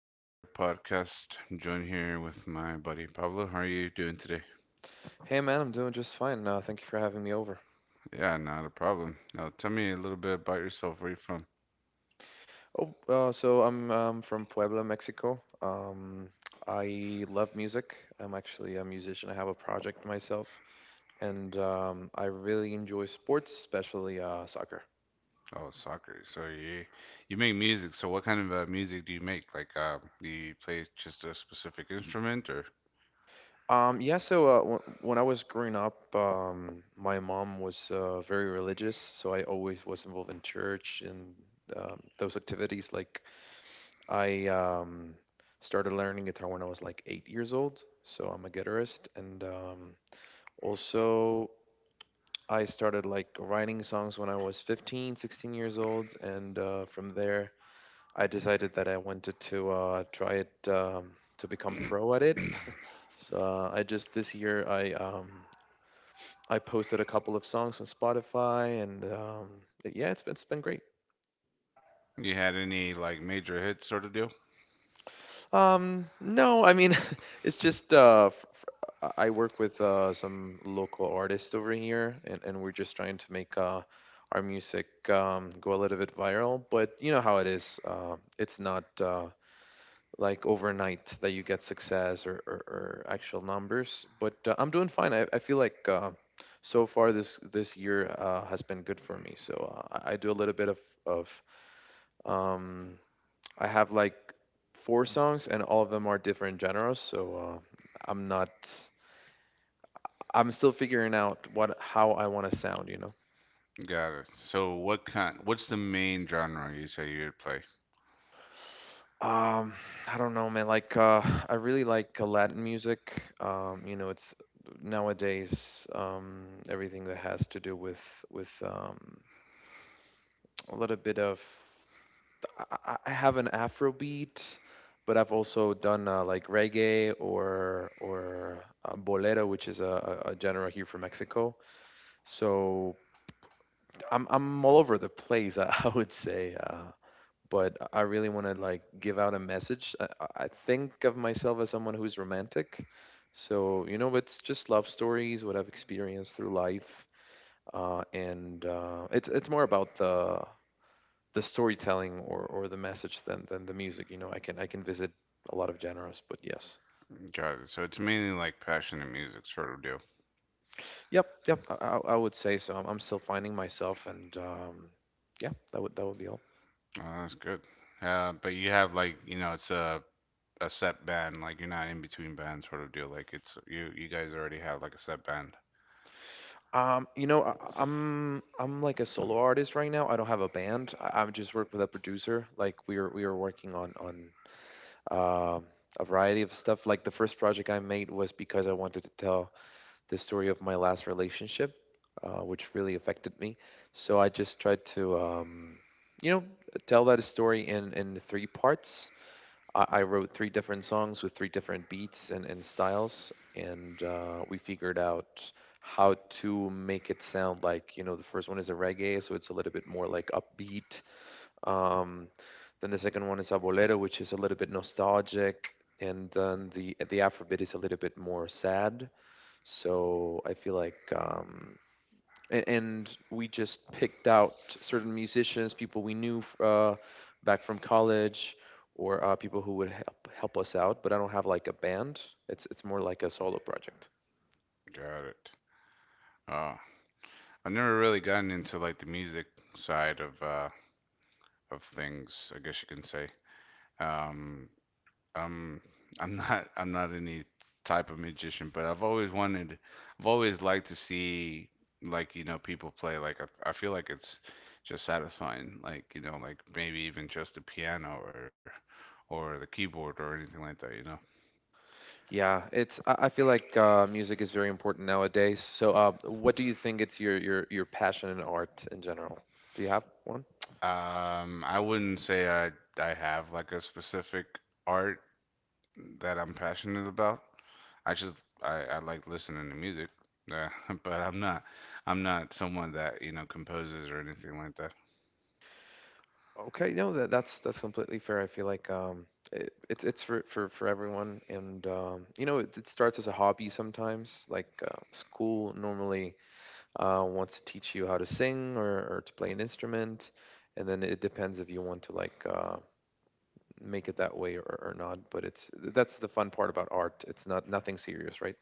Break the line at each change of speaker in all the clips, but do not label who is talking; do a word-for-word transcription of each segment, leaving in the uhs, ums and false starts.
with another podcast. I'm joined here with my buddy Pablo. How are you doing today?
Hey man, I'm doing just fine. Uh, thank you for having me over.
Yeah, not a problem. Now, tell me a little bit about yourself. Where are you from?
Oh, uh, so I'm um, from Puebla, Mexico. Um, I love music. I'm actually a musician. I have a project myself, and um, I really enjoy sports, especially uh, soccer.
Oh, soccer. So you you make music. So what kind of uh, music do you make? Like, uh, do you play just a specific instrument, or
Um, yeah, so uh, w when I was growing up, um, my mom was uh, very religious, so I always was involved in church and um, those activities. Like I um, started learning guitar when I was like eight years old, so I'm a guitarist. And um, also, I started like writing songs when I was fifteen, sixteen years old. And uh, from there, I decided that I wanted to uh, try it um, to become pro at it. So uh, I just this year I um, I posted a couple of songs on Spotify, and um, yeah, it's been, it's been great.
you had any like major hits sort of deal?
Um, no, I mean, it's just uh, f- f- I I work with uh, some local artists over here, and and we're just trying to make uh, our music um, go a little bit viral. But you know how it is. Uh, it's not uh, like overnight that you get success or, or, or actual numbers. But uh, I'm doing fine. I, I feel like uh, so far this this year uh, has been good for me. So uh, I I do a little bit of of um, I have like four songs, and all of them are different genres. So uh, I'm not. I'm still figuring out what how I want to sound. You know.
Got it. So what kind? What's the main genre you say you would play?
Um, I don't know, man. Like, uh, I really like uh, Latin music. Um, you know, it's nowadays, um, everything that has to do with with um, a little bit of. I, I I have an Afrobeat, but I've also done uh, like reggae or or uh, bolero, which is a, a a genre here from Mexico. So I'm I'm all over the place, I, I would say. Uh, but I really want to like give out a message. I, I I think of myself as someone who's romantic. So, you know, it's just love stories, what I've experienced through life. Uh, and uh, it's it's more about the the storytelling, or, or the message, than, than the music. You know, I can I can visit a lot of genres, but yes.
Got it. So it's mainly like passionate music sort of deal.
Yep, yep. I, I I would say so. I'm, I'm still finding myself, and um, yeah, that would that would be all.
Oh, that's good. Uh, but you have like, you know, it's a a set band, like you're not in between bands sort of deal. Like it's you you guys already have like a set band.
Um, you know, I, I- am I'm like a solo artist right now. I don't have a band. I, I just work with a producer. Like we are we are working on on um, a variety of stuff. Like the first project I made was because I wanted to tell the story of my last relationship, uh, which really affected me. So I just tried to um, you know, tell that story in in three parts. I, I wrote three different songs with three different beats and and styles, and uh, we figured out how to make it sound like, you know, the first one is a reggae, so it's a little bit more like upbeat. Um, then the second one is a bolero, which is a little bit nostalgic. And then the the Afrobeat is a little bit more sad. So I feel like um, and, and we just picked out certain musicians, people we knew f- uh, back from college, or uh, people who would help help us out. But I don't have like a band. It's it's more like a solo project.
Got it. Oh, I've never really gotten into like the music side of uh of things, I guess you can say. Um, um, I'm not, I'm not any type of magician, but I've always wanted, I've always liked to see, like, you know, people play. Like I, I feel like it's just satisfying. Like, you know, like maybe even just the piano or or the keyboard or anything like that, you know.
Yeah, it's I, I feel like uh, music is very important nowadays. So, uh, what do you think it's your your your passion in art in general? Do you have one?
Um, I wouldn't say I I have like a specific art that I'm passionate about. I just I, I like listening to music, uh, but I'm not I'm not someone that, you know, composes or anything like that.
Okay, no, that that's that's completely fair. I feel like um, it, it's it's for, for for everyone, and um, you know, it, it starts as a hobby sometimes. Like uh, school normally uh, wants to teach you how to sing, or, or to play an instrument, and then it depends if you want to like uh, make it that way, or, or not. But it's that's the fun part about art. It's not nothing serious, right?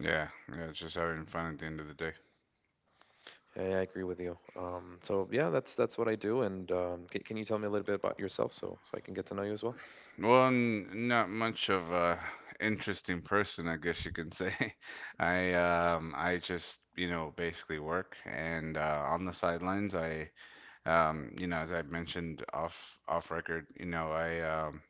Yeah, yeah, it's just having fun at the end of the day.
Yeah, yeah, I agree with you. Um, so yeah, that's that's what I do. And um, can, can you tell me a little bit about yourself so so I can get to know you as well?
Well, I'm not much of a interesting person, I guess you can say. I um I just, you know, basically work and uh, on the sidelines I— Um, you know, as I mentioned off off record, you know, I um,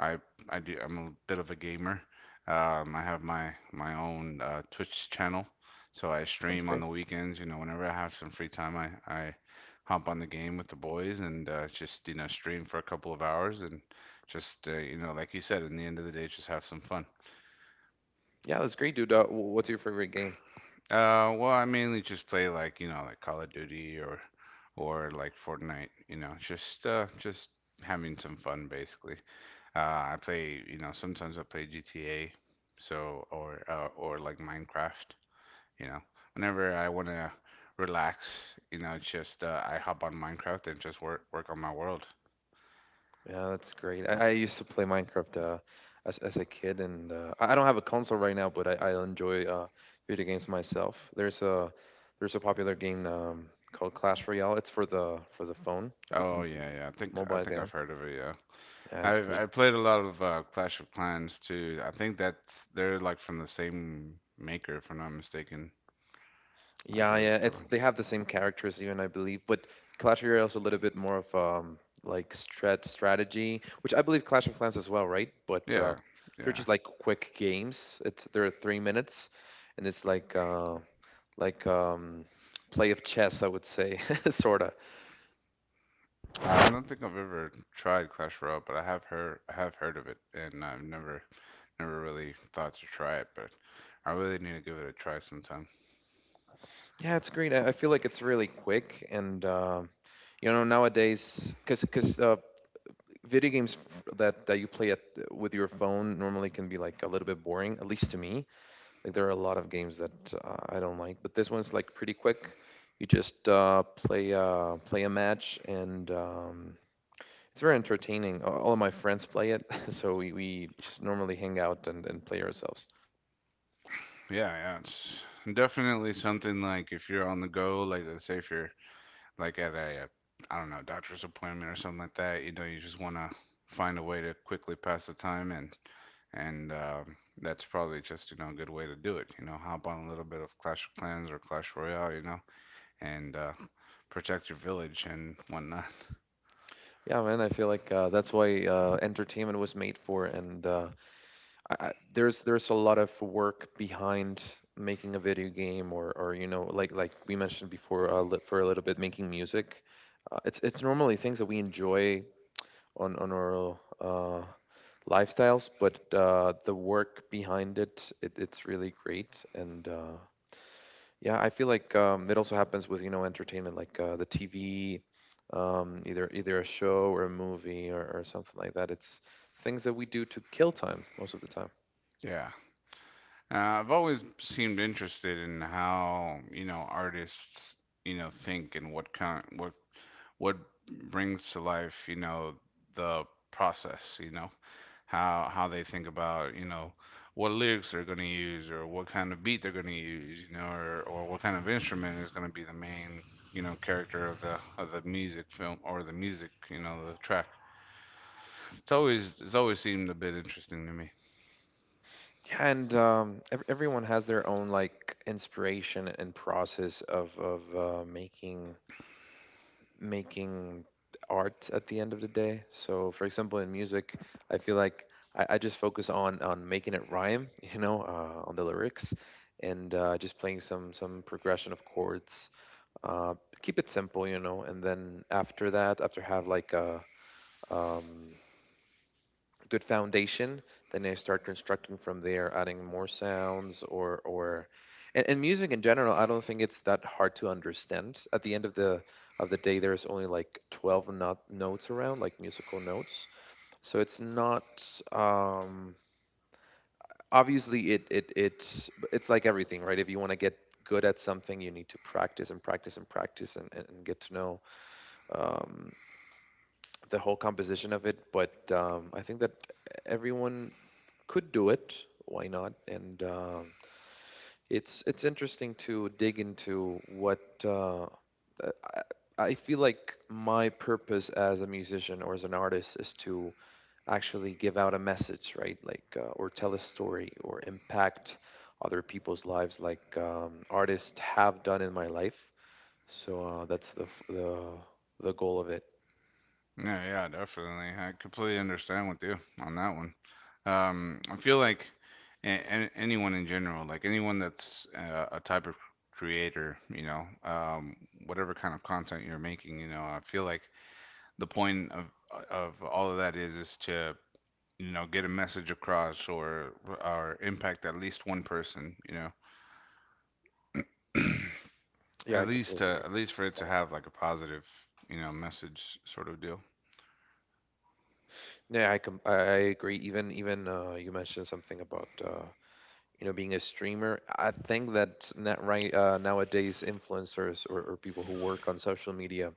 I I do I'm a bit of a gamer. Um, I have my my own uh, Twitch channel, so I
That's
stream on
great.
the weekends. You know, whenever I have some free time, I I hop on the game with the boys and uh, just, you know, stream for a couple of hours and just, uh, you know, like you said, in the end of the day, just have some fun.
Yeah, that's great, dude. Uh, wh- what's your favorite game?
Uh, well, I mainly just play, like, you know, like Call of Duty or or like Fortnite, you know, just uh just having some fun basically. Uh, I play, you know, sometimes I play G T A, so or uh, or like Minecraft, you know. Whenever I want to relax, you know, just, uh, I hop on Minecraft and just work work on my world.
Yeah, that's great. I, I used to play Minecraft uh, as as a kid, and uh, I I don't have a console right now, but I, I enjoy uh, video games myself. There's a there's a popular game um, called Clash Royale. It's for the for the phone, like it's a
Oh, yeah, yeah. I think I
mobile
think I've
game.
heard of it, yeah.
Yeah, it's
I've
great.
I played a lot of uh, Clash of Clans too. I think that they're like from the same maker, if I'm not mistaken. Like
Yeah,
they're the
yeah. It's
fella-
they have the same characters even, I believe. But Clash Royale is a little bit more of um like strat strategy, which I believe Clash of Clans as well, right? But um,
Yeah,
they're
yeah.
just like quick games. It's They're three minutes, and it's like uh, like um play of chess, I would say, sorta.
I don't think I've ever tried Clash Royale, but I have heard I have heard of it, and I've never never really thought to try it. But I really need to give it a try sometime.
Yeah, it's great. I, I feel like it's really quick, and um you know nowadays, because because uh, video games f- that that you play at with your phone normally can be like a little bit boring, at least to me. Like there are a lot of games that uh, I don't like, but this one's like pretty quick. You just uh, play uh, play a match, and um, it's very entertaining. A- All of my friends play it, so we, we just normally hang out and and play ourselves.
Yeah, yeah. It's definitely something, like, if you're on the go, like, let's say if you're like at a, uh, I don't know, doctor's appointment or something like that. You know, you just wanna find a way to quickly pass the time, and and um, that's probably just, you know, a good way to do it. You know, hop on a little bit of Clash of Clans or Clash Royale, you know, and uh, protect your village and whatnot.
Yeah, man, I feel like uh, that's why uh, entertainment was made for, and uh, I, I, there's there's a lot of work behind making a video game, or or you know, like like we mentioned before, uh, li- for a little bit, making music. Uh, it's it's normally things that we enjoy on on our uh, lifestyles, but uh, the work behind it, it it's really great. And uh, yeah, I feel like um, it also happens with you know entertainment, like uh, the T V, um, either either a show or a movie, or, or something like that. It's things that we do to kill time most of the time.
Yeah, uh, I've always seemed interested in how, you know, artists, you know, think, and what kind what what brings to life, you know, the process, you know, how how they think about, you know, what lyrics they're going to use, or what kind of beat they're going to use, you know, or, or what kind of instrument is going to be the main, you know, character of the of the music film, or the music, you know, the track. It's always it's always seemed a bit interesting to me.
Yeah, and um, ev everyone has their own like inspiration and process of of uh, making making art at the end of the day. So, for example, in music, I feel like I, I just focus on on making it rhyme, you know, uh, on the lyrics, and uh, just playing some some progression of chords. Uh, Keep it simple, you know, and then after that, after have like a um, good foundation, then I start constructing from there, adding more sounds. or or and, and music in general, I don't think it's that hard to understand. At the end of the of the day, there's only like twelve not, notes around, like musical notes, so it's not um obviously it it it's it's like everything, right? If you want to get good at something, you need to practice and practice and practice, and and and get to know um, the whole composition of it. But um, I think that everyone could do it. Why not? And um, it's it's interesting to dig into what, uh, I, I feel like my purpose as a musician or as an artist is to actually give out a message, right? Like uh, or tell a story, or impact other people's lives, like um, artists have done in my life. So uh, that's the f- the the goal of it.
Yeah, yeah, definitely. I completely understand with you on that one. um I feel like a- a- anyone in general, like anyone that's uh, a type of creator, you know, um whatever kind of content you're making, you know, I feel like the point of of all of that is is to, you know, get a message across or or impact at least one person, you know.
Yeah,
at
I
least
completely
uh,
agree.
at least for it to have like a positive, you know, message sort of deal.
Yeah, I com- I I agree. Even even uh, you mentioned something about, Uh, you know, being a streamer. I think that not right uh, nowadays, influencers, or, or people who work on social media,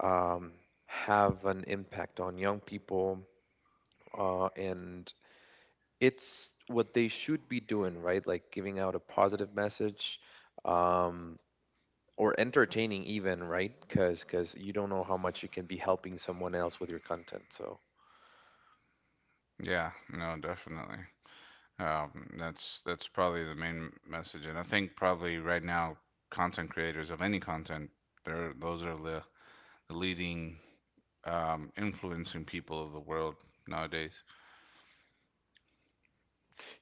um, have an impact on young people, uh, and it's what they should be doing, right? Like giving out a positive message, um, or entertaining even, right? because because you don't know how much you can be helping someone else with your content. So
Yeah, no, definitely. um that's that's probably the main message, and I think probably right now content creators of any content, they're those are the, the leading, um influencing people of the world nowadays.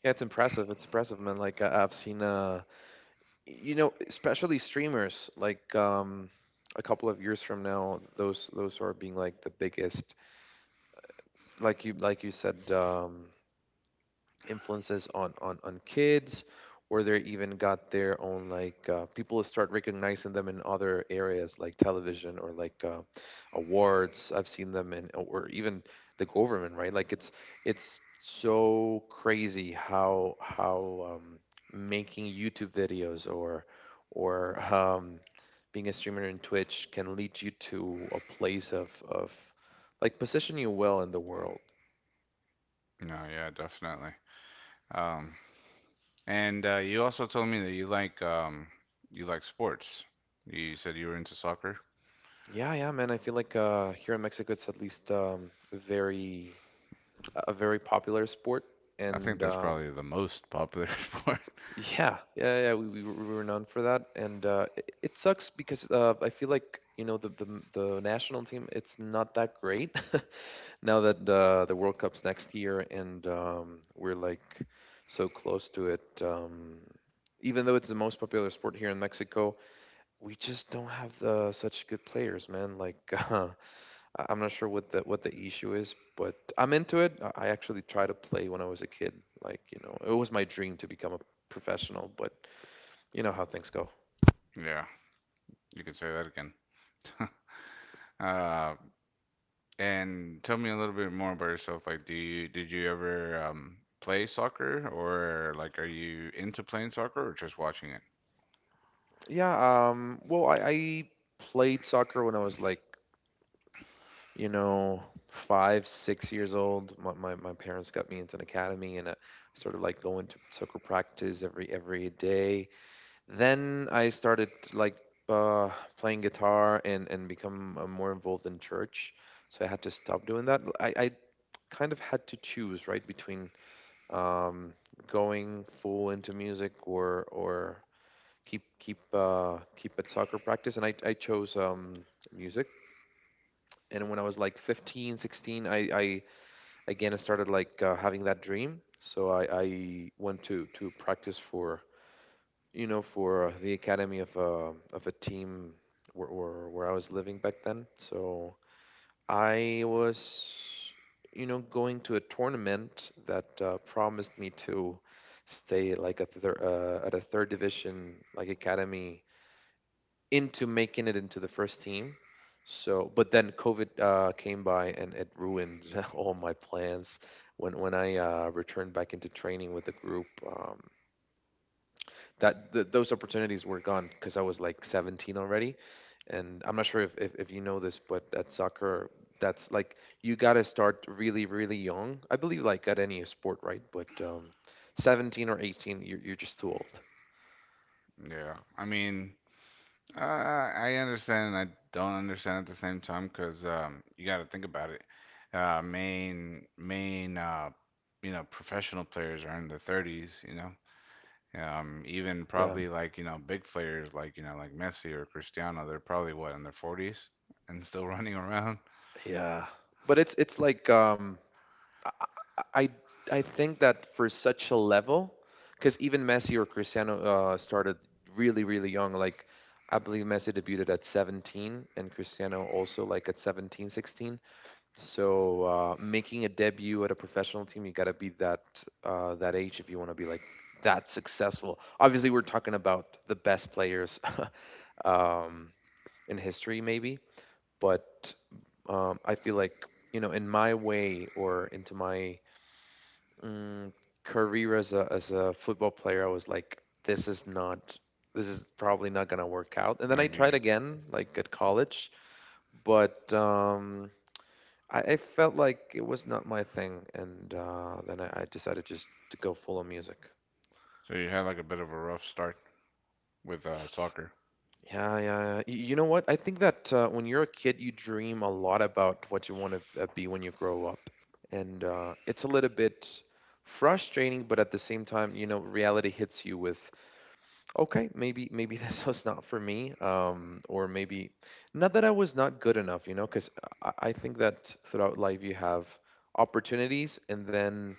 yeah, it's impressive, it's impressive, man. Like I, I've seen uh you know, especially streamers, like um, a couple of years from now, those those are being like the biggest, like you like you said, um, influences on on on kids, or they even got their own, like uh, people start recognizing them in other areas like television, or like uh, awards I've seen them in, or even the government, right? Like it's it's so crazy how how um, making YouTube videos, or or um, being a streamer in Twitch can lead you to a place of of like position you well in the world.
No, yeah, definitely. um And uh, you also told me that you like, um, you like sports. You said you were into soccer.
Yeah, yeah, man. I feel like uh, here in Mexico, it's at least um, very a a very popular sport,
I think
and
that's
um,
probably the most popular sport.
yeah, yeah, yeah. We, we were we were known for that, and uh, it, it sucks because uh, I feel like you know the, the m- the national team. It's not that great now that uh, the World Cup's next year, and um, we're like so close to it. Um, even though it's the most popular sport here in Mexico, we just don't have the, such good players, man. Like I- I'm not sure what the what the issue is, but I'm into it. I I actually tried to play when I was a kid. Like, you know, it was my dream to become a professional, but you know how things go.
Yeah, you could say that again. Uh, and tell me a little bit more about yourself. Like, do you did you ever um, play soccer, or, like, are you into playing soccer or just watching it?
Yeah, um, well, I, I played soccer when I was like, you know, five, six years old. My, my, my parents got me into an academy and I started like going to soccer practice every every day. Then I started like uh, playing guitar and and become uh, more involved in church. So I had to stop doing that. I, I kind of had to choose right between um, going full into music or or keep keep uh, keep at soccer practice. And I I chose um, music. And when I was like fifteen, sixteen, I, I again I started like uh, having that dream. So I, I went to to practice for you know, for uh, the academy of a of a team where, where where I was living back then. So I was, you know, going to a tournament that uh, promised me to stay like a thir- uh, at a third division like academy into making it into the first team. So, but then COVID uh, came by and it ruined all my plans. When when I uh, returned back into training with the group, um, that th- those opportunities were gone because I was like seventeen already, and I'm not sure if, if if you know this, but at soccer, that's like you gotta start really really young. I believe like at any sport, right? But um, seventeen or eighteen, you're you're just too old.
Yeah, I mean, Uh, I understand and I don't understand at the same time, because, um, you got to think about it. Uh, main main uh, you know, professional players are in their thirties, you know. Um, even
Yeah,
probably, like, you know, big players like, you know, like Messi or Cristiano, they're probably what, in their forties and still running around.
yeah. But it's it's like um, I I think that for such a level, because even Messi or Cristiano uh, started really really young. Like I believe Messi debuted at seventeen and Cristiano also like at seventeen sixteen. So uh, making a debut at a professional team, you gotta be that uh, that age if you want to be like that successful. Obviously, we're talking about the best players um, in history, maybe. But um, I feel like you know, in my way or into my Mm, career as a as a football player, I was like, this is not, this is probably not gonna work out. And then I
Like
tried
you,
again, like at college, but um, I, I felt like it was not my thing, and uh, then I, I decided just to go full on music.
so you had like a bit of a rough start with, uh, soccer.
Yeah, yeah, yeah. Y- You know what? I think that uh, when you're a kid, you dream a lot about what you want to be when you grow up, and uh, it's a little bit frustrating, but at the same time, you know, reality hits you with okay, maybe maybe this was not for me, um, or maybe not that I was not good enough, you know, because I, I think that throughout life you have opportunities and then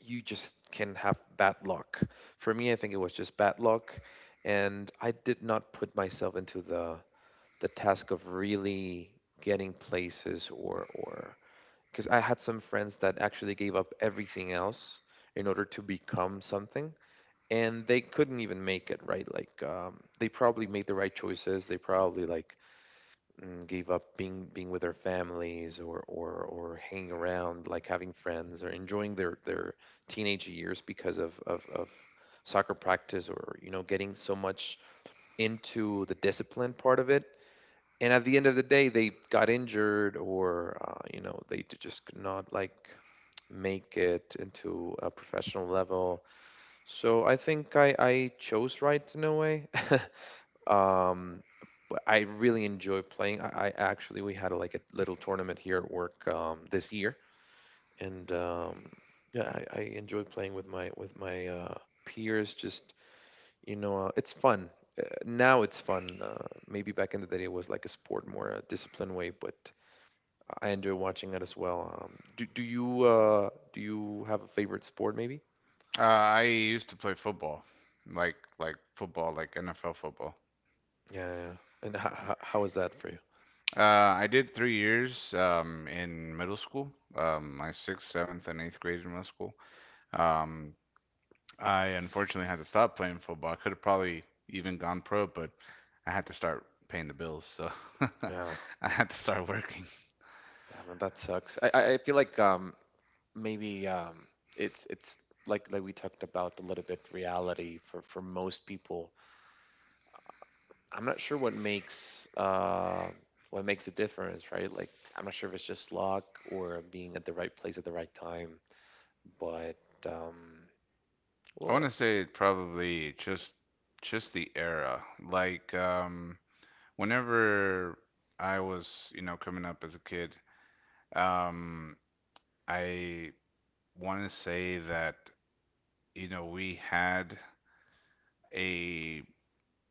you just can have bad luck. For me, I think it was just bad luck, and I did not put myself into the the task of really getting places or or because I had some friends that actually gave up everything else in order to become something and they couldn't even make it right like um, they probably made the right choices. They probably like mm, gave up being being with their families or or or hanging around like having friends or enjoying their their teenage years because of of, of soccer practice or you know getting so much into the discipline part of it, and at the end of the day they got injured or uh, you know they d- just could not like make it into a professional level. So I think I, I chose right in a way. um, but I really enjoy playing. I, I actually we had like a little tournament here at work um, this year, and um, yeah, I, I enjoy playing with my with my uh, peers. Just you know, uh, it's fun. Uh, Now it's fun. Uh, maybe back in the day it was like a sport, more a disciplined way, but I enjoy watching it as well. Um, do do you uh, do you have a favorite sport? Maybe?
Uh, I used to play football, like like football, like N F L football.
Yeah, yeah. yeah. And h- h- how is that for you?
Uh, I did three years um, in middle school, um, my sixth, seventh, and eighth grade in middle school. Um, I unfortunately had to stop playing football. I could have probably even gone pro, but I had to start paying the bills, so
Yeah.
I had to start working.
Yeah, man, that sucks. I, I I feel like um maybe um it's it's like like we talked about a little bit reality for for most people. I'm not sure what makes uh what makes a difference, right? Like I'm not sure if it's just luck or being at the right place at the right time, but um
I
well
want to say probably just just the era. Like, um, whenever I was, you know, coming up as a kid, um, I want to say that, you know, we had, a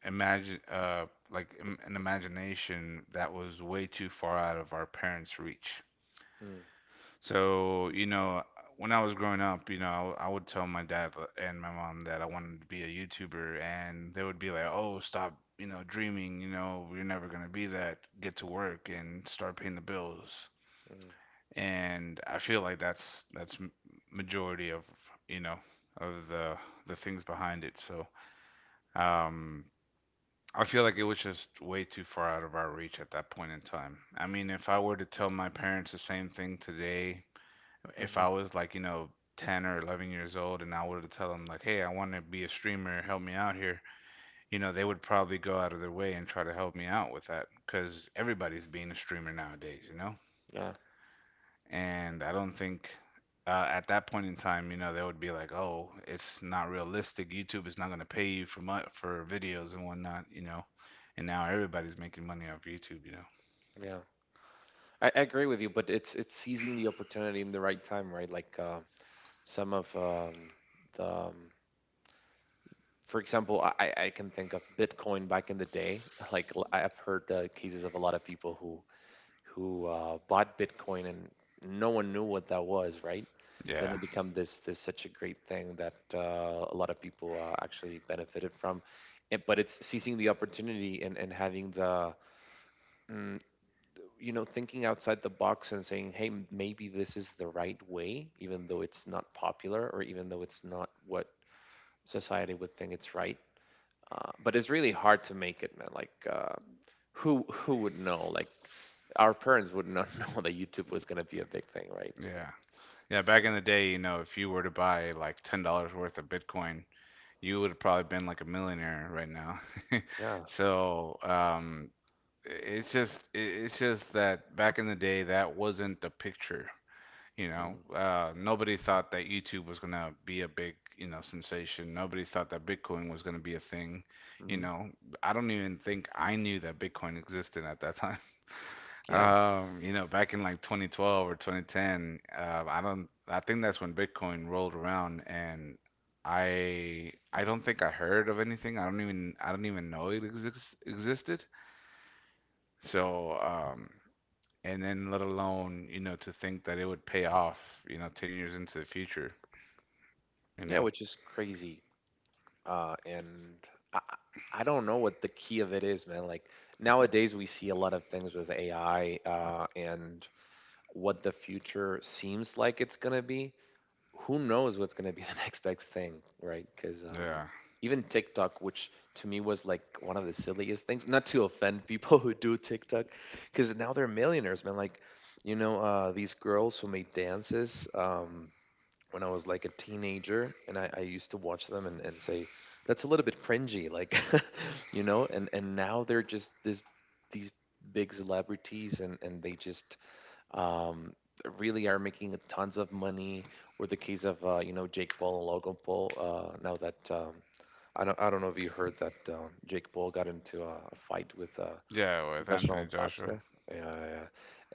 imagine uh like im- an imagination that was way too far out of our parents' reach.
uh, mm,
So, you know, when I was growing up, you know, I, w- I would tell my dad and my mom that I wanted to be a YouTuber, and they would be like, "Oh, stop, you know, dreaming. You know, you're never gonna be that. Get to work and start paying the bills."
mm,
And I feel like that's that's m- majority of, you know, of the the things behind it. So, um, I feel like it was just way too far out of our reach at that point in time. I mean, if I were to tell my parents the same thing today, if I
hmm
was like, you know, ten or eleven years old and I were to tell them, like, hey, I want to be a streamer, help me out here, you know, they would probably go out of their way and try to help me out with that, because everybody's being a streamer nowadays, you know?
yeah.
And I don't think, uh, at that point in time, you know, they would be like, "Oh, it's not realistic. YouTube is not going to pay you for mu- for videos and whatnot," you know. And now everybody's making money off YouTube, you know.
Yeah, I, I agree with you, but it's it's seizing the opportunity in the right time, right? Like uh, some of um the um, for example, I, I can think of Bitcoin back in the day. Like l- I've heard uh, cases of a lot of people who who uh, bought Bitcoin and no one knew what that was, right? Then
Yeah,
it became this this such a great thing that uh, a lot of people uh, actually benefited from. It, but it's seizing the opportunity and, and having the mm, you know thinking outside the box and saying, hey, m- maybe this is the right way, even though it's not popular or even though it's not what society would think it's right. Uh, but it's really hard to make it, man. Like uh, who who would know like our parents would not know that YouTube was going to be a big thing, right? Uh,
yeah, yeah. Back
so
in the day, you know, if you were to buy like ten dollars worth of Bitcoin, you would have probably been like a millionaire right now.
yeah.
So, um, it's just, it- it's just that back in the day, that wasn't the picture. You know, uh, nobody thought that YouTube was gonna be a big, you know, sensation. Nobody thought that Bitcoin was gonna be a thing. You
Mm-hmm.
know, I don't even think I knew that Bitcoin existed at that time.
Yeah,
Um, you know, back in like twenty twelve or twenty ten, uh, I don't. I think that's when Bitcoin rolled around, and I I don't think I heard of anything. I don't even, I don't even know it exist, existed. So, um, and then let alone, you know, to think that it would pay off, you know, ten years into the future, you
yeah,
know.
which is crazy. Uh, and I, I I don't know what the key of it is, man. Like nowadays we see a lot of things with AI, uh, and what the future seems like it's going to be, who knows what's going to be the next big thing, right? Because um,
Yeah,
even TikTok, which to me was like one of the silliest things, not to offend people who do TikTok, because now they're millionaires, man. Like, you know, uh, these girls who made dances um, when I was like a teenager, and I, I used to watch them and, and say, that's a little bit cringy, like, you know, and, and now they're just this, these big celebrities and, and they just um, really are making tons of money. Or the case of uh, you know Jake Paul and Logan Paul. Uh, now that um, I don't I don't know if you heard that um, Jake Paul got into a, a fight with a
yeah, with Anthony
professional
Joshua.
boxer. Yeah, yeah. yeah.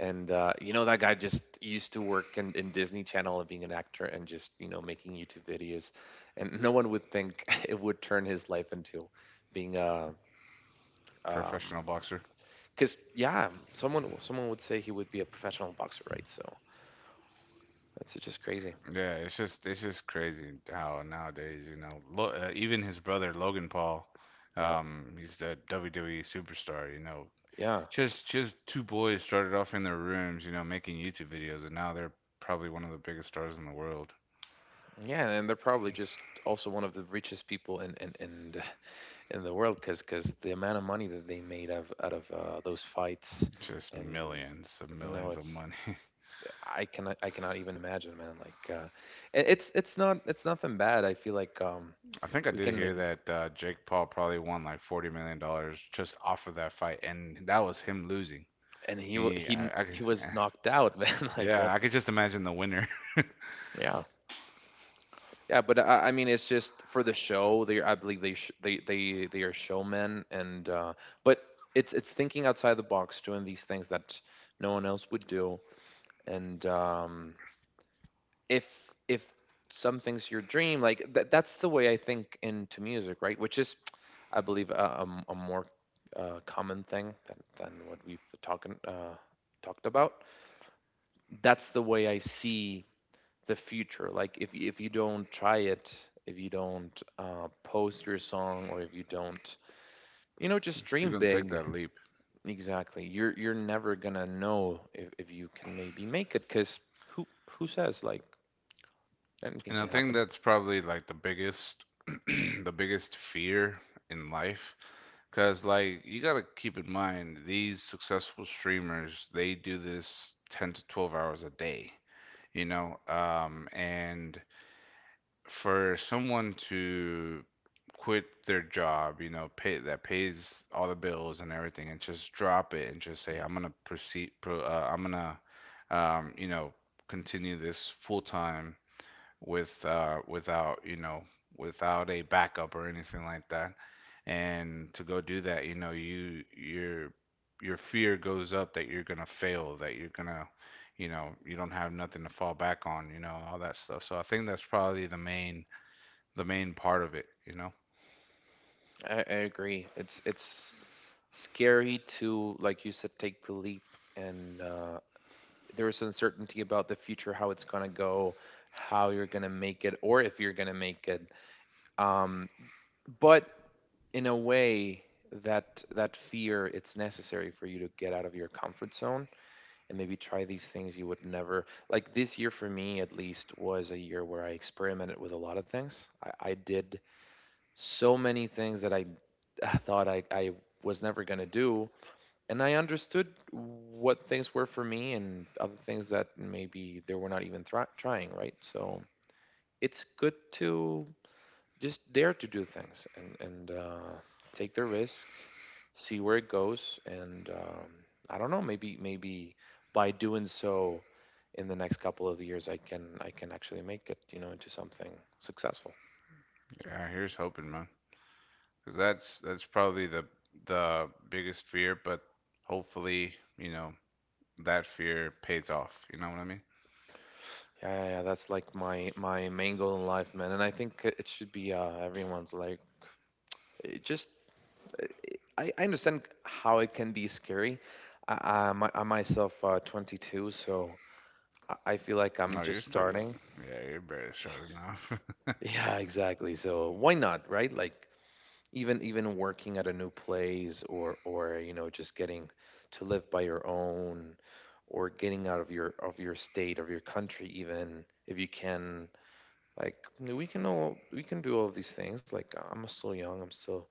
And uh, you know that guy just used to work in, in Disney Channel and being an actor and just you know making YouTube videos, and no one would think it would turn his life into being a um,
Professional boxer.
because yeah, someone someone would say he would be a professional boxer, right? So it's just crazy.
Yeah, it's just it's just crazy how nowadays, you know, lo- uh, even his brother Logan Paul,
Yeah.
um he's the W W E superstar, you know.
Yeah.
Just just two boys started off in their rooms, you know, making YouTube videos, and now they're probably one of the biggest stars in the world.
Yeah, and they're probably just also one of the richest people in in in, the- in the world because the amount of money that they made of out of uh, those fights,
Just
and
millions of
no,
millions of
it's
money.
I cannot I cannot even imagine, man. Like uh, it- it's it's not it's nothing bad. I feel like um
I think I
we
did
can
hear
maybe,
that, uh, Jake Paul probably won like forty million dollars just off of that fight, and that was him losing.
and he wa-
He,
he
I, I, could-
he was knocked out, man. Like what?
Yeah, I could just imagine the winner.
Yeah. Yeah, but I, I mean, it's just for the show. They, I believe they, sh- they, they, they are showmen, and uh, but it's it's thinking outside the box, doing these things that no one else would do. And um, if if something's your dream, like that, that's the way I think into music, right? Which is, I believe, a, a m- a more uh, common thing than than what we've talking uh, talked about. That's the way I see the future. Like if you, if you don't try it, if you don't uh, post your song, or if you don't, you know, just
If you
dream
don't take
big.
that leap.
Exactly. You're you're never gonna know if, if you can maybe make it, because who who says like anything
And I
can
think
happen?
that's probably, like, the biggest, the biggest fear in life, because, like, you gotta keep in mind these successful streamers, they do this ten to twelve hours a day, you know, um, and for someone to quit their job, you know, pay that pays all the bills and everything, and just drop it and just say,
Yeah,
I'm gonna proceed, pro, uh, I'm gonna, um, you know, continue this full time with, uh, without, you know, without a backup or anything like that. And to go do that, you know, you your your fear goes up, that you're gonna fail, that you're gonna, you know, you don't have nothing to fall back on, you know, all that stuff. So I think that's probably the main, the main part of it, you know?
I, I agree. It's it's scary to, like you said, take the leap, and uh, there's uncertainty about the future, how it's gonna go, how you're gonna make it, or if you're gonna make it. Um, but in a way that that fear it's necessary for you to get out of your comfort zone and maybe try these things you would never. Like, this year for me at least was a year where I experimented with a lot of things. I, I did so many things that i thought i, I was never going to do, and I understood what things were for me, and other things that maybe they were not even thri trying, right? So it's good to just dare to do things, and and uh, take the risk, see where it goes, and um, I don't know, maybe maybe by doing so, in the next couple of years, I can I can actually make it, you know, into something successful.
Yeah, here's hoping, man. Because that's that's probably the the biggest fear, but hopefully, you know, that fear pays off. You know what I mean?
Yeah, yeah, yeah, that's like my my main goal in life, man, and I think it should be uh, everyone's. Like, it just, I, I understand how it can be scary. I, I'm, I'm myself uh, twenty-two, so I I feel like I'm
No,
just
you're still
starting.
young. Yeah, you're barely starting off. Oh,
Yeah, exactly. So why not, right? Like, even even working at a new place, or or you know just getting to live by your own, or getting out of your of your state, of your country, even if you can. Like, we can all we can do all of these things. Like, I'm still young I'm still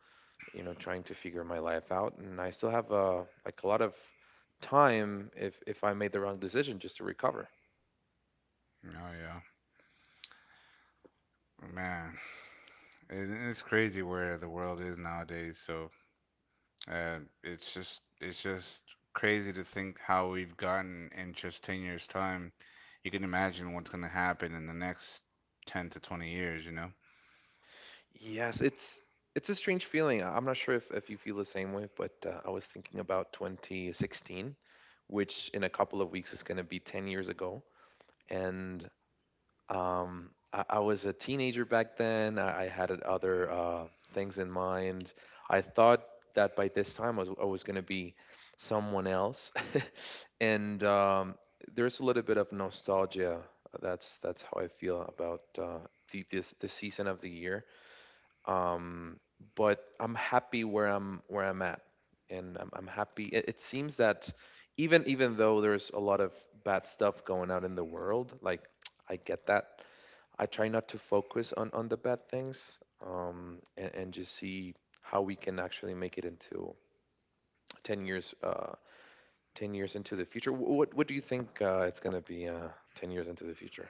you know trying to figure my life out, and I still have uh like a lot of time, if if I made the wrong decision, just to recover.
yeah, man, it, it's crazy where the world is nowadays. So, uh, it's just it's just crazy to think how we've gotten in just ten years' time. You can imagine what's gonna happen in the next ten to twenty years, you know?
Yes, it's it's a strange feeling. I- I'm not sure if, if you feel the same way, but uh, I was thinking about twenty sixteen, which in a couple of weeks is going to be ten years ago. And um, I, I was a teenager back then. I, I had other uh, things in mind. I thought that by this time I was, I was going to be someone else. And um, there's a little bit of nostalgia. That's that's how I feel about uh, the this the season of the year, um, but I'm happy where I'm where I'm at, and I'm, I'm happy. It, it seems that even even though there's a lot of bad stuff going out in the world, like, I get that. I try not to focus on on the bad things, um, and, and just see how we can actually make it into ten years. Uh, ten years into the future. Wh- what what do you think uh, it's going to be uh, ten years into the future?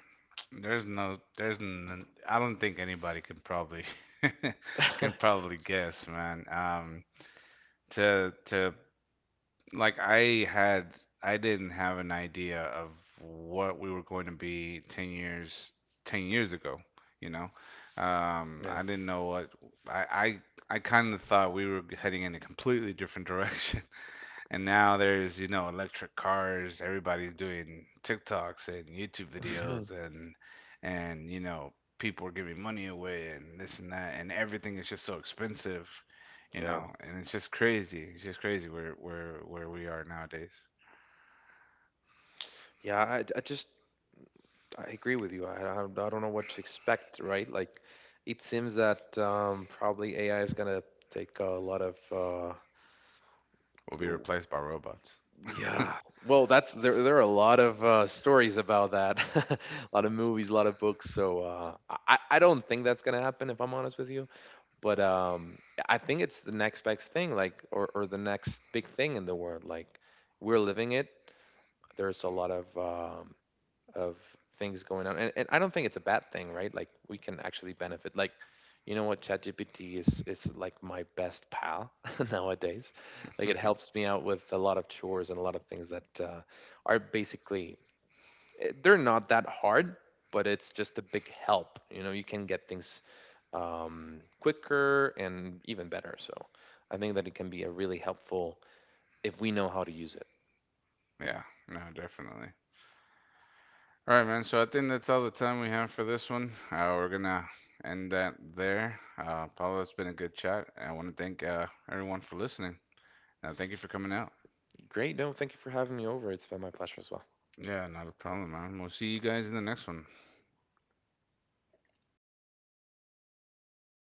There's no, there's, n I don't think anybody can probably can probably guess, man. Um, to to like I had, I didn't have an idea of what we were going to be ten years, ten years ago, you know. Um,
yeah
I didn't know what I I, I kind of thought we were heading in a completely different direction. And now there's, you know, electric cars. Everybody's doing TikToks and YouTube videos, and and you know, people are giving money away and this and that, and everything is just so expensive, you
yeah
know, and it's just crazy. It's just crazy where where where we are nowadays.
yeah I, I just I agree with you. I, I I don't know what to expect, right? Like, it seems that um, probably A I is gonna take a lot of uh,
We'll be
do-
replaced by robots.
yeah. Well, that's there. There are a lot of uh, stories about that, a lot of movies, a lot of books. So uh, I I I don't think that's gonna happen, if I'm honest with you. But um, I think it's the next best thing, like, or or the next big thing in the world. Like, we're living it. There's a lot of um, of things going on, and, and I don't think it's a bad thing, right? Like, we can actually benefit. Like, you know what, chatgpt is is like my best pal nowadays. Like, it helps me out with a lot of chores and a lot of things that uh, are basically, eh, they're not that hard, but it's just a big help. You know, you can get things um, quicker and even better. So I think that it can be a really helpful if we know how to use it.
Yeah, no, definitely. All right, man. So I think that's all the time we have for this one. Uh, we're gonna end that there. Uh, Paulo, it's been a good chat. I want to thank uh, everyone for listening. Uh, thank you for coming out.
Great, no, thank you for having me over. It's been my pleasure as well.
Yeah, not a problem, man. We'll see you guys in the next one.